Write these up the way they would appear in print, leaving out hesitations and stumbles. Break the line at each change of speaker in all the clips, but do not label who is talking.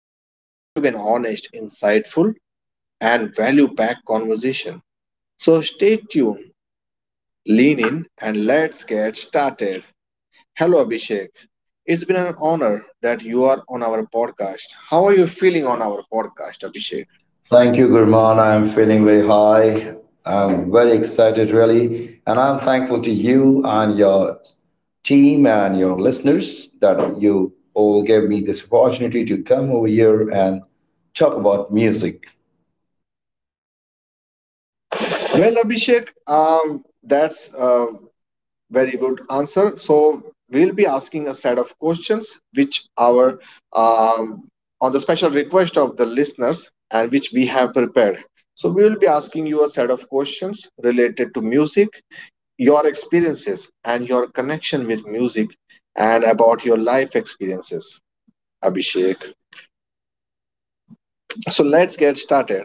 This is going to be an honest, insightful, and value packed conversation. So stay tuned, lean in, and let's get started. Hello, Abhishek. It's been an honor that you are on our podcast. How are you feeling on our podcast, Abhishek?
Thank you, Gurman. I'm feeling very high. I'm very excited, really. And I'm thankful to you and your team and your listeners that you all gave me this opportunity to come over here and talk about music.
Well, Abhishek, that's a very good answer. So we'll be asking a set of questions, which our um, on the special request of the listeners, and which we have prepared. So we will be asking you a set of questions related to music, your experiences, and your connection with music, and about your life experiences. Abhishek. So let's get started.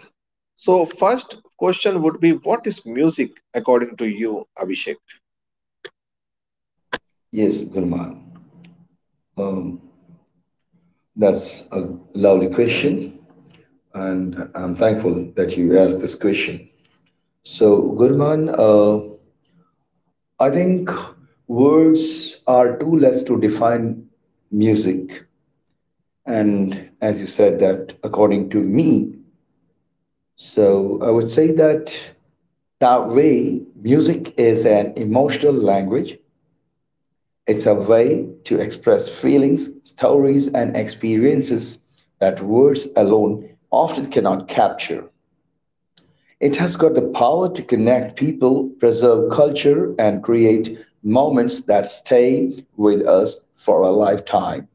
So first question would be what is music according to you, Abhishek?
Yes, Gurman, that's a lovely question. And I'm thankful that you asked this question. So, Gurman, uh, I think words are too less to define music. And as you said, that according to me, so I would say that that way, music is an emotional language. It's a way to express feelings, stories, and experiences that words alone often cannot capture. It has got the power to connect people, preserve culture, and create moments that stay with us for a lifetime.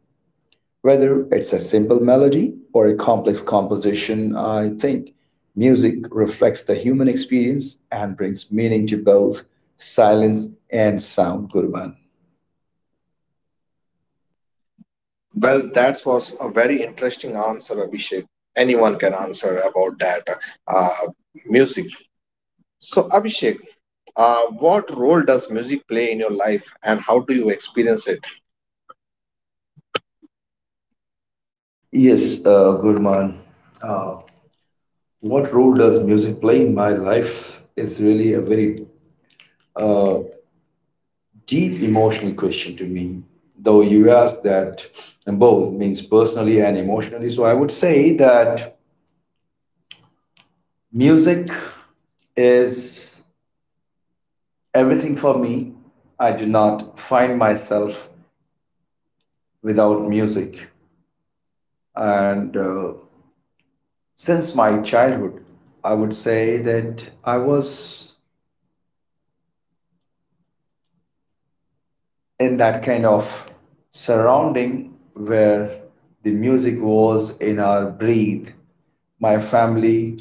Whether it's a simple melody or a complex composition, I think music reflects the human experience and brings meaning to both silence and sound, Gurman.
Well, that was a very interesting answer, Abhishek. Anyone can answer about that uh, music. So Abhishek, what role does music play in your life and how do you experience it?
Yes, Gurman, what role does music play in my life is really a very deep emotional question to me. Though you asked that, and both means personally and emotionally, so I would say that music is everything for me. I do not find myself without music. And since my childhood, I would say that I was in that kind of surrounding where the music was in our breathe. My family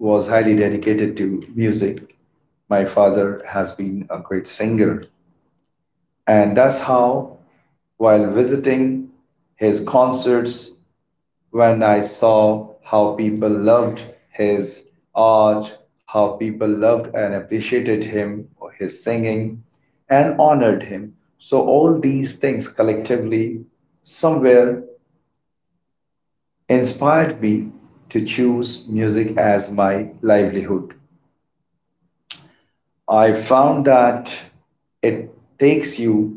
was highly dedicated to music. My father has been a great singer, and that's how, while visiting his concerts, when I saw how people loved his art, how people loved and appreciated him, his singing, and honored him. So, all these things collectively somewhere inspired me to choose music as my livelihood. I found that it takes you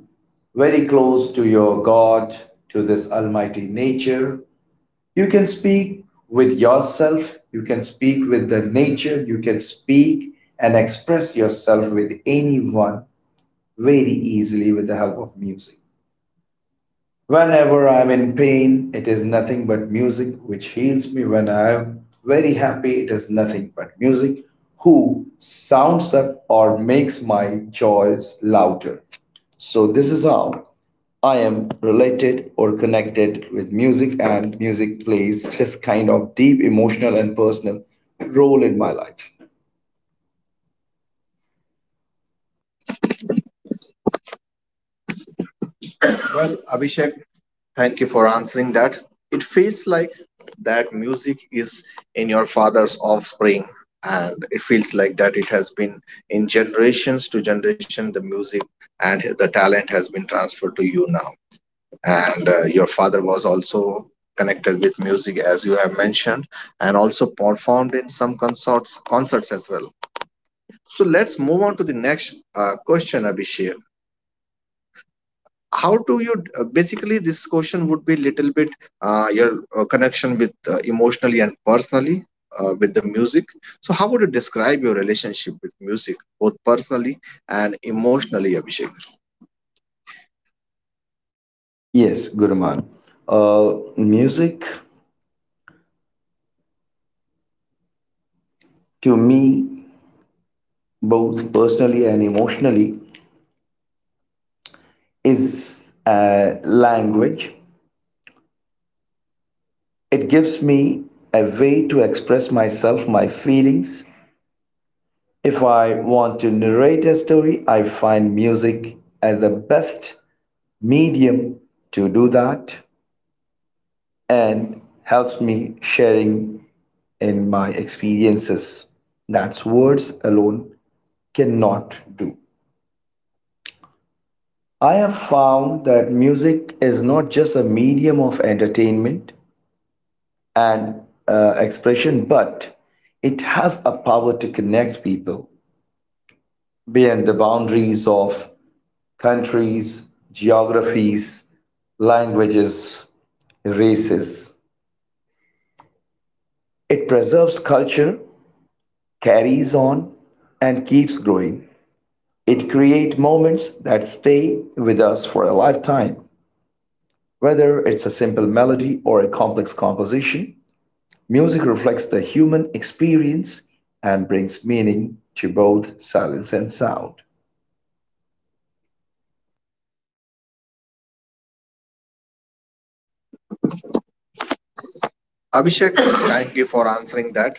very close to your God, to this almighty nature. You can speak with yourself, you can speak with the nature, you can speak and express yourself with anyone very easily with the help of music. Whenever I am in pain, it is nothing but music which heals me. When I am very happy, it is nothing but music who sounds up or makes my joys louder. So, this is how I am related or connected with music, and music plays this kind of deep emotional and personal role in my life.
Well, Abhishek, thank you for answering that. It feels like that music is in your father's offspring, and it feels like that it has been in generations to generation the music and the talent has been transferred to you now. And your father was also connected with music, as you have mentioned, and also performed in some consorts, concerts as well. So let's move on to the next question, Abhishek. How do you basically this question would be little bit your connection with emotionally and personally with the music, so how would you describe your relationship with music both personally and emotionally, Abhishek?
Yes, Guruman. Music to me, both personally and emotionally, is language. It gives me a way to express myself, my feelings. If I want to narrate a story, I find music as the best medium to do that, and helps me sharing in my experiences that words alone cannot do. I have found that music is not just a medium of entertainment, and expression, but it has a power to connect people beyond the boundaries of countries, geographies, languages, races. It preserves culture, carries on, and keeps growing. It creates moments that stay with us for a lifetime, whether it's a simple melody or a complex composition. Music reflects the human experience and brings meaning to both silence and sound.
Abhishek, thank you for answering that.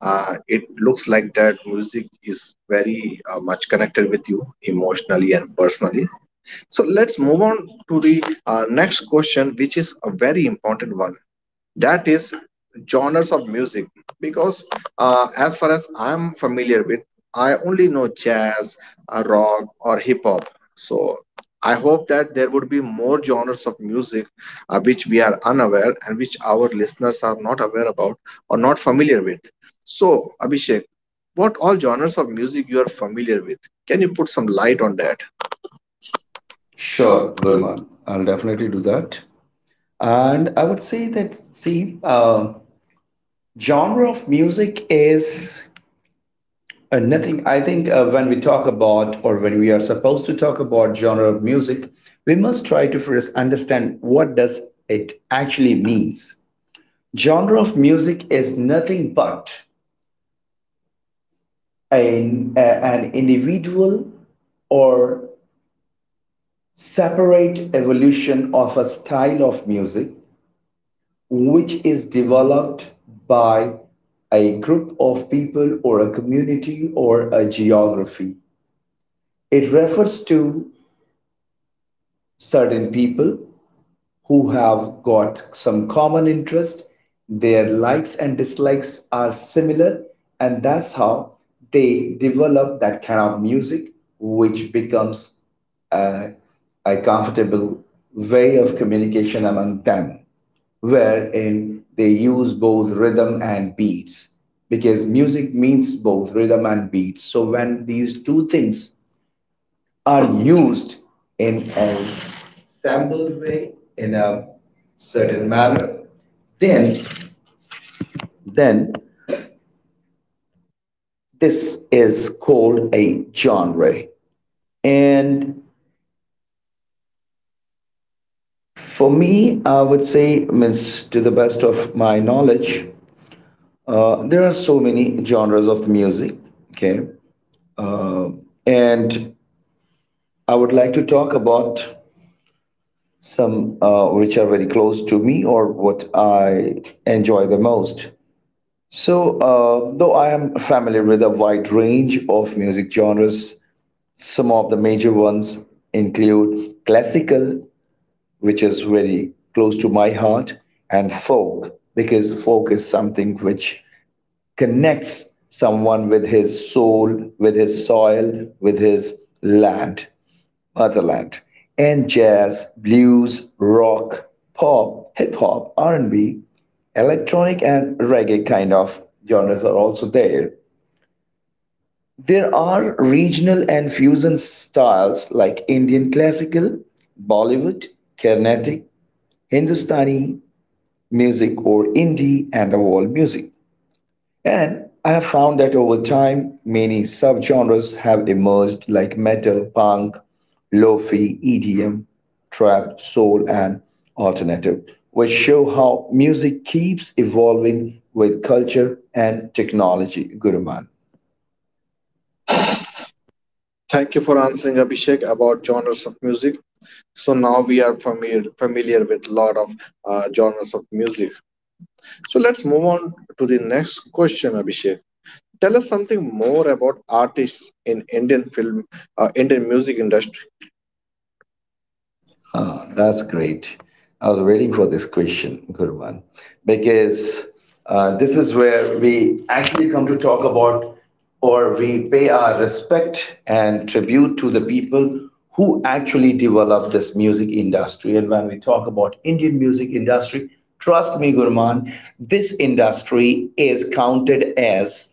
It looks like that music is very much connected with you emotionally and personally. So let's move on to the next question, which is a very important one. That is genres of music, because as far as I'm familiar with, I only know jazz, rock or hip hop. So I hope that there would be more genres of music which we are unaware and which our listeners are not aware about or not familiar with. So Abhishek, what all genres of music you are familiar with? Can you put some light on that?
Sure,
Sure, good.
Gurman, I'll definitely do that. And I would say that, see, genre of music is nothing. I think when we talk about, or when we are supposed to talk about genre of music, we must try to first understand what does it actually means. Genre of music is nothing but an individual or separate evolution of a style of music which is developed by a group of people or a community or a geography. It refers to certain people who have got some common interest, their likes and dislikes are similar, and that's how they develop that kind of music, which becomes a, a comfortable way of communication among them, wherein they use both rhythm and beats because music means both rhythm and beats. So when these two things are used in a sample way in a certain manner, then then this is called a genre. And for me, I would say, means to the best of my knowledge, there are so many genres of music. Okay, uh, and I would like to talk about some which are very close to me or what I enjoy the most. So, though I am familiar with a wide range of music genres, some of the major ones include classical, which is very close to my heart, and folk, because folk is something which connects someone with his soul, with his soil, with his land, motherland. And jazz, blues, rock, pop, hip hop, R&B, electronic and reggae kind of genres are also there. There are regional and fusion styles like Indian classical, Bollywood, Carnatic, Hindustani music, or indie and the world music. And I have found that over time, many subgenres have emerged like metal, punk, lo-fi, EDM, trap, soul, and alternative, which show how music keeps evolving with culture and technology, Guruman.
Thank you for answering, Abhishek, about genres of music. So now we are familiar with a lot of genres of music. So let's move on to the next question, Abhishek. Tell us something more about artists in Indian film, Indian music industry.
Oh, that's great. I was waiting for this question, Gurman, because this is where we actually come to talk about, or we pay our respect and tribute to the people who actually developed this music industry. And when we talk about Indian music industry, trust me, Gurman, this industry is counted as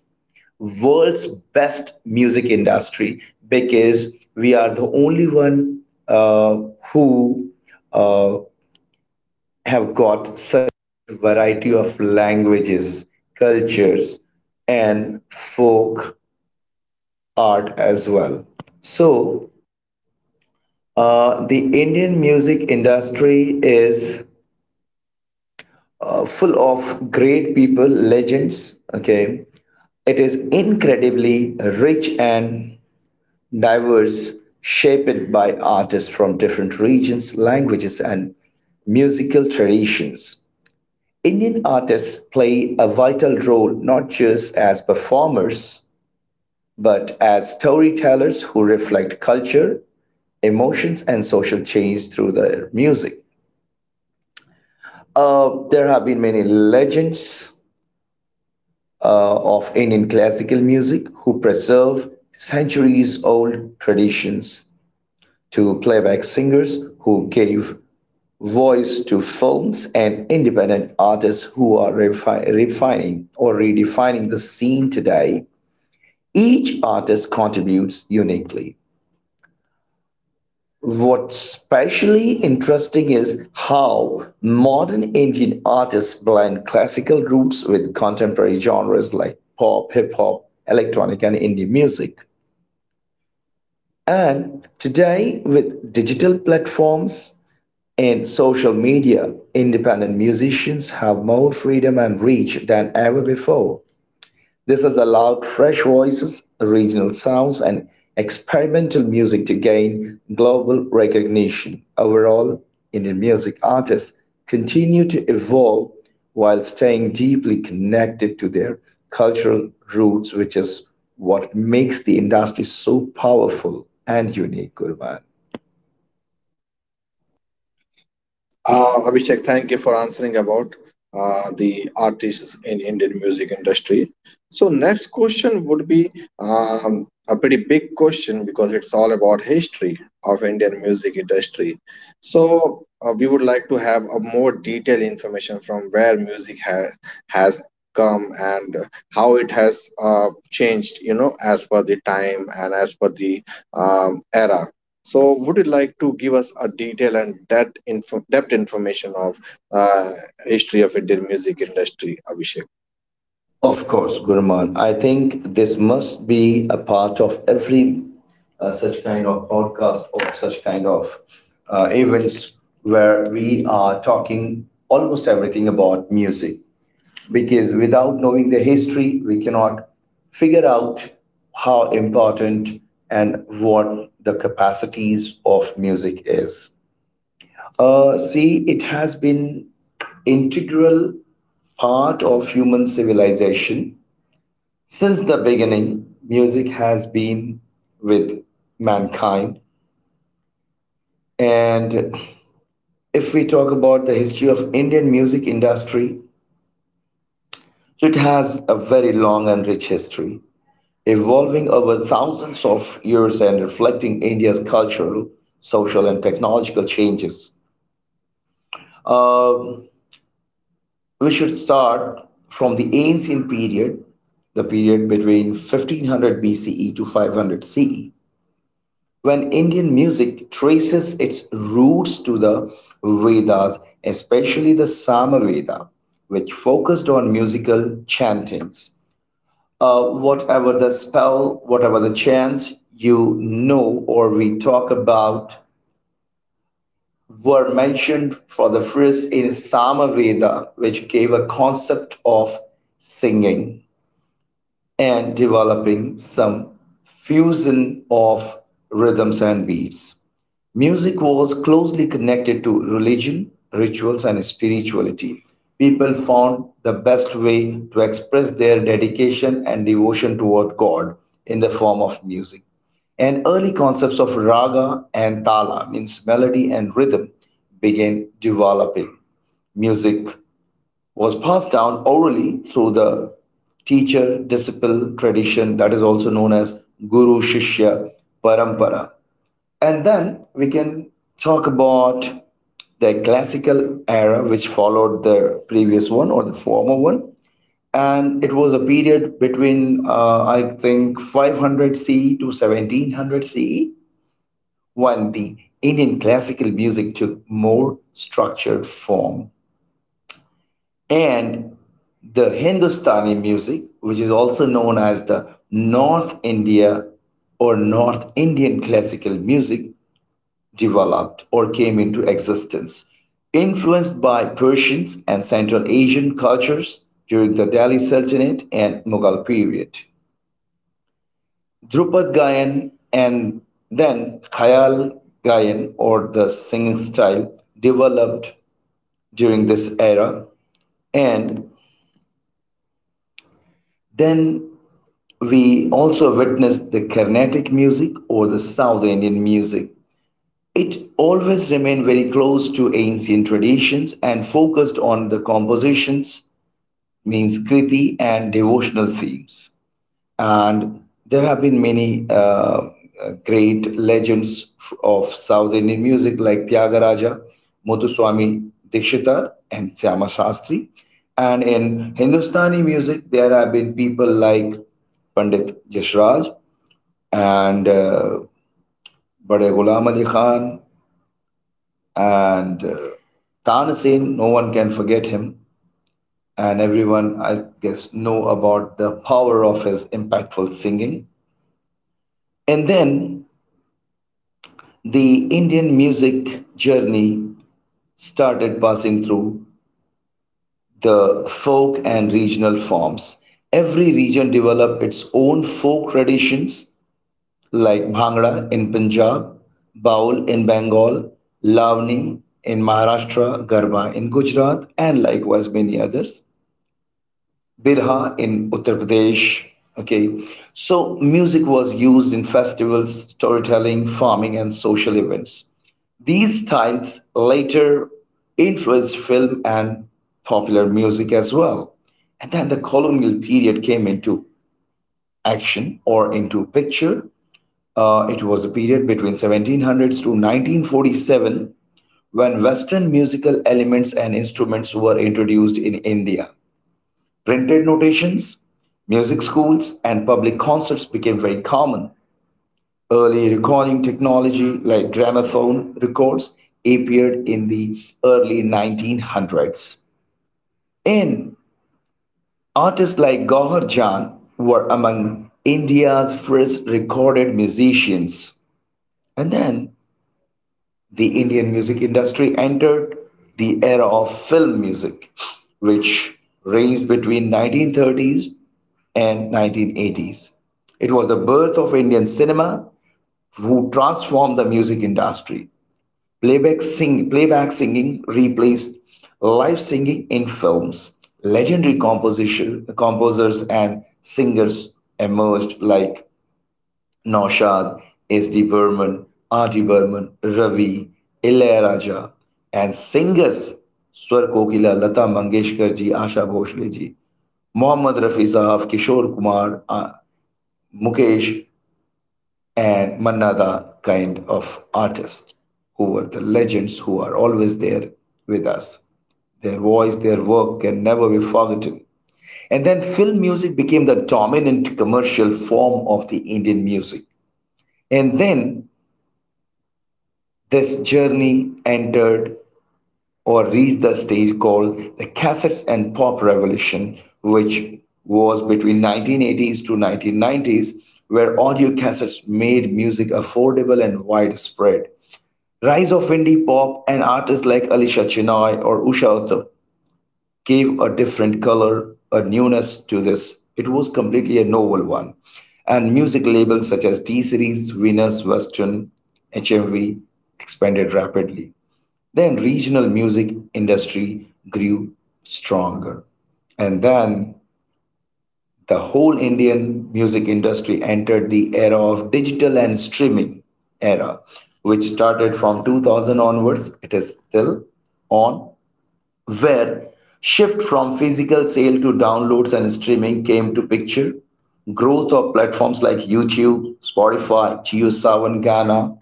world's best music industry because we are the only one uh, who uh, have got such a variety of languages, cultures, and folk art as well. So, the Indian music industry is full of great people, legends. Okay, it is incredibly rich and diverse, shaped by artists from different regions, languages, and musical traditions. Indian artists play a vital role not just as performers but as storytellers who reflect culture, emotions, and social change through their music. There have been many legends of Indian classical music who preserve centuries old traditions, to playback singers who gave voice to films, and independent artists who are refining or redefining the scene today. Each artist contributes uniquely. What's especially interesting is how modern Indian artists blend classical roots with contemporary genres like pop, hip hop, electronic, and indie music. And today, with digital platforms, in social media, independent musicians have more freedom and reach than ever before. This has allowed fresh voices, regional sounds, and experimental music to gain global recognition. Overall, Indian music artists continue to evolve while staying deeply connected to their cultural roots, which is what makes the industry so powerful and unique, Gurman.
Abhishek, thank you for answering about the artists in Indian music industry. So next question would be a pretty big question, because it's all about history of Indian music industry. So we would like to have a more detailed information from where music has come and how it has changed, you know, as per the time and as per the era. So, would you like to give us a detail and that info, depth information of uh, history of Indian music industry, Abhishek?
Of course, Gurman. I think this must be a part of every such kind of podcast or such kind of events where we are talking almost everything about music. Because without knowing the history, we cannot figure out how important and what the capacities of music is. See, it has been integral part of human civilization. Since the beginning, music has been with mankind. And if we talk about the history of Indian music industry, so it has a very long and rich history, evolving over thousands of years and reflecting India's cultural, social, and technological changes. Uh, we should start from the ancient period, the period between 1500 BCE to 500 CE, when Indian music traces its roots to the Vedas, especially the Samaveda, which focused on musical chantings. Whatever the spell, whatever the chants you know or we talk about, were mentioned for the first in Samaveda, which gave a concept of singing and developing some fusion of rhythms and beats. Music was closely connected to religion, rituals, and spirituality. People found the best way to express their dedication and devotion toward God in the form of music. And early concepts of raga and tala, means melody and rhythm, began developing. Music was passed down orally through the teacher disciple tradition, that is also known as guru shishya parampara. And then we can talk about the classical era, which followed the previous one or the former one, and it was a period between I think 500 CE to 1700 CE, when the Indian classical music took more structured form, and the Hindustani music, which is also known as the North India or North Indian classical music, developed or came into existence. Influenced by Persians and Central Asian cultures during the Delhi Sultanate and Mughal period. Dhrupad Gayan and then Khayal Gayan, or the singing style, developed during this era. And then we also witnessed the Carnatic music or the South Indian music. It always remained very close to ancient traditions and focused on the compositions, means kriti, and devotional themes. And there have been many great legends of South Indian music like Tyagaraja, Muthuswami Dikshitar, and Syama Shastri. And in Hindustani music, there have been people like Pandit Jasraj, and Bade Ghulam Ali Khan, and Tanasen. No one can forget him. And everyone, I guess, know about the power of his impactful singing. And then the Indian music journey started passing through the folk and regional forms. Every region developed its own folk traditions like Bhangra in Punjab, Baul in Bengal, Lavani in Maharashtra, Garba in Gujarat, and likewise many others. Birha in Uttar Pradesh. Okay, so music was used in festivals, storytelling, farming, and social events. These styles later influenced film and popular music as well. And then the colonial period came into action or into picture. It was the period between 1700s to 1947 when Western musical elements and instruments were introduced in India. Printed notations, music schools, and public concerts became very common. Early recording technology like gramophone records appeared in the early 1900s. And artists like Gauhar Jan were among India's first recorded musicians. And then the Indian music industry entered the era of film music, which ranged between 1930s and 1980s. It was the birth of Indian cinema, who transformed the music industry. Playback singing replaced live singing in films. Legendary composers and singers emerged like Naushad, S.D. Burman, R.T. Burman, Ravi, Ilayaraja, and singers Swar Kokila, Lata Mangeshkar ji, Asha Bhosle ji, Mohammad Rafi Sahab, Kishore Kumar, Mukesh, and Manna Da kind of artists who were the legends who are always there with us. Their voice, their work can never be forgotten. And then film music became the dominant commercial form of the Indian music. And then this journey entered or reached the stage called the Cassettes and Pop Revolution, which was between 1980s to 1990s, where audio cassettes made music affordable and widespread. Rise of indie pop and artists like Alisha Chinoy or Usha Uttam gave a different color, a newness to this. It was completely a novel one. And music labels such as T Series, Venus, Western, HMV expanded rapidly. Then regional music industry grew stronger. And then the whole Indian music industry entered the era of digital and streaming era, which started from 2000 onwards. It is still on, where shift from physical sale to downloads and streaming came to picture. Growth of platforms like YouTube, Spotify, JioSaavn, Ghana,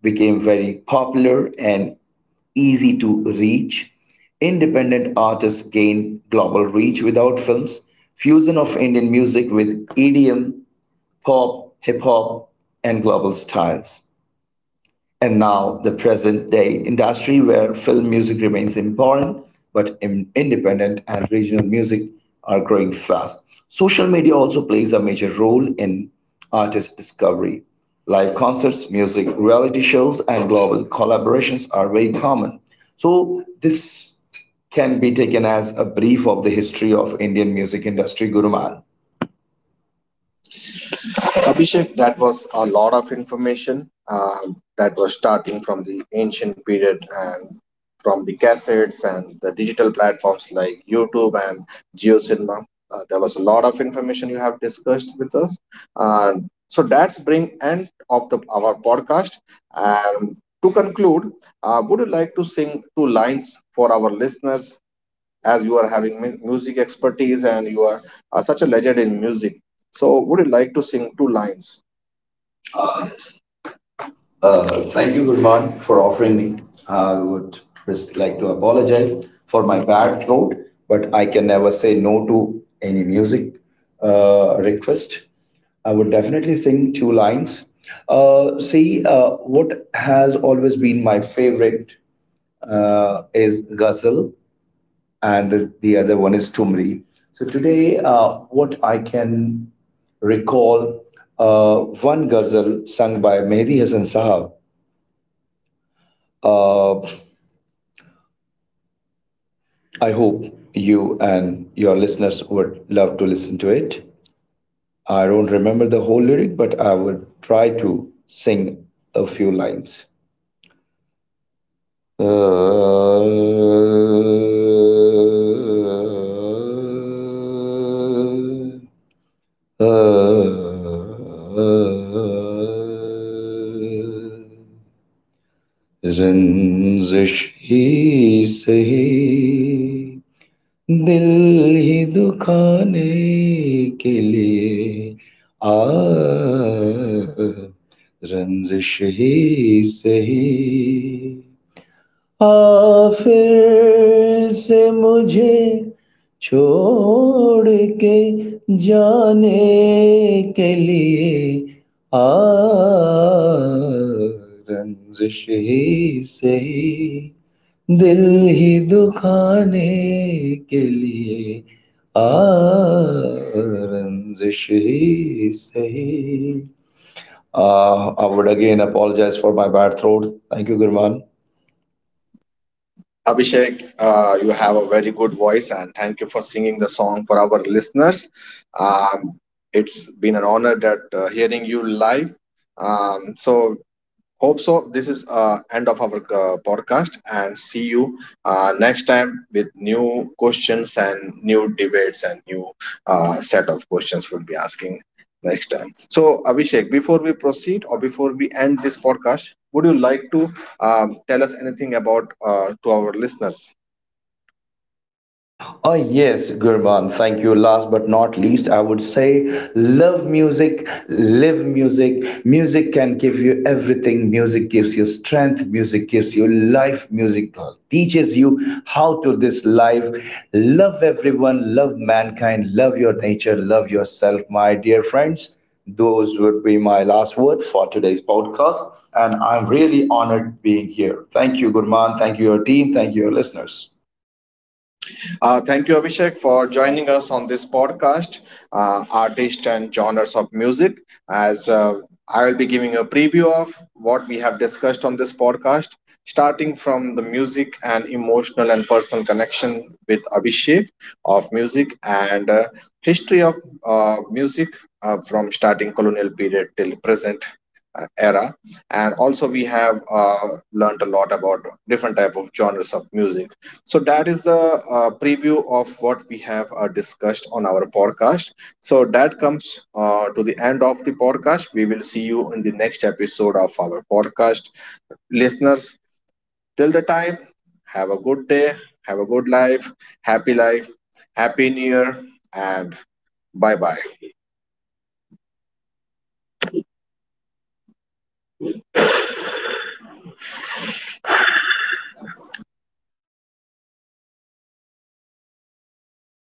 became very popular and easy to reach. Independent artists gained global reach without films. Fusion of Indian music with EDM, pop, hip hop, and global styles, and now the present day industry where film music remains important, but independent and regional music are growing fast. Social media also plays a major role in artist discovery. Live concerts, music reality shows, and global collaborations are very common. So this can be taken as a brief of the history of Indian music industry, Guruman.
Abhishek, that was a lot of information. That was starting from the ancient period and from the cassettes and the digital platforms like YouTube and GeoCinema. There was a lot of information you have discussed with us. So that's bring end of the our podcast. And to conclude, would you like to sing two lines for our listeners, as you are having music expertise and you are such a legend in music? So would you like to sing two lines? Uh, uh,
Thank
thank
you,
you, good Lord,
Gurman, for
for
offering
offering me.
me. I
Uh,
would just like to apologize for my bad throat, but I can never say no to any music request. I would definitely sing two lines. See, what has always been my favorite is ghazal, and the other one is tumri. So today, what I can recall one ghazal sung by Mehdi Hasan Sahab. uh, I hope you and your listeners would love to listen to it. I don't remember the whole lyric, but I would try to sing a few lines. Uh, uh, uh, uh, Zinzish he say दिल ही दुखाने के लिए आ रंजिश ही सही आफिर से मुझे छोड़ के जाने के लिए आरंजिष ही सेही दिल ही दुखाने के लिए आरंजिष ही सेही. I would again apologize for my bad throat. Thank you, Guru Man.
Abhishek, you have a very good voice, and thank you for singing the song for our listeners. Um, it's been an honor that hearing you live. So hope so. This is end of our podcast, and see you next time with new questions and new debates and new set of questions we'll be asking next time. So, Abhishek, before we proceed or before we end this podcast, would you like to tell us anything about to our listeners?
Oh, yes, Gurman, thank you. Last but not least, I would say love music, live music. Music can give you everything. Music gives you strength, music gives you life, music teaches you how to this life. Love everyone, love mankind, love your nature, love yourself, my dear friends. Those would be my last word for today's podcast, and I'm really honored being here. Thank you, Gurman. Thank you, your team. Thank you, your listeners.
Thank you, Abhishek, for joining us on this podcast, Artist and Genres of Music. As I will be giving a preview of what we have discussed on this podcast, starting from the music and emotional and personal connection with Abhishek of music and history of music from starting colonial period till present era, and also we have learned a lot about different type of genres of music. So that is the preview of what we have discussed on our podcast. So that comes to the end of the podcast. We will see you in the next episode of our podcast. Listeners, till the time, have a good day, have a good life, happy new year, and bye bye.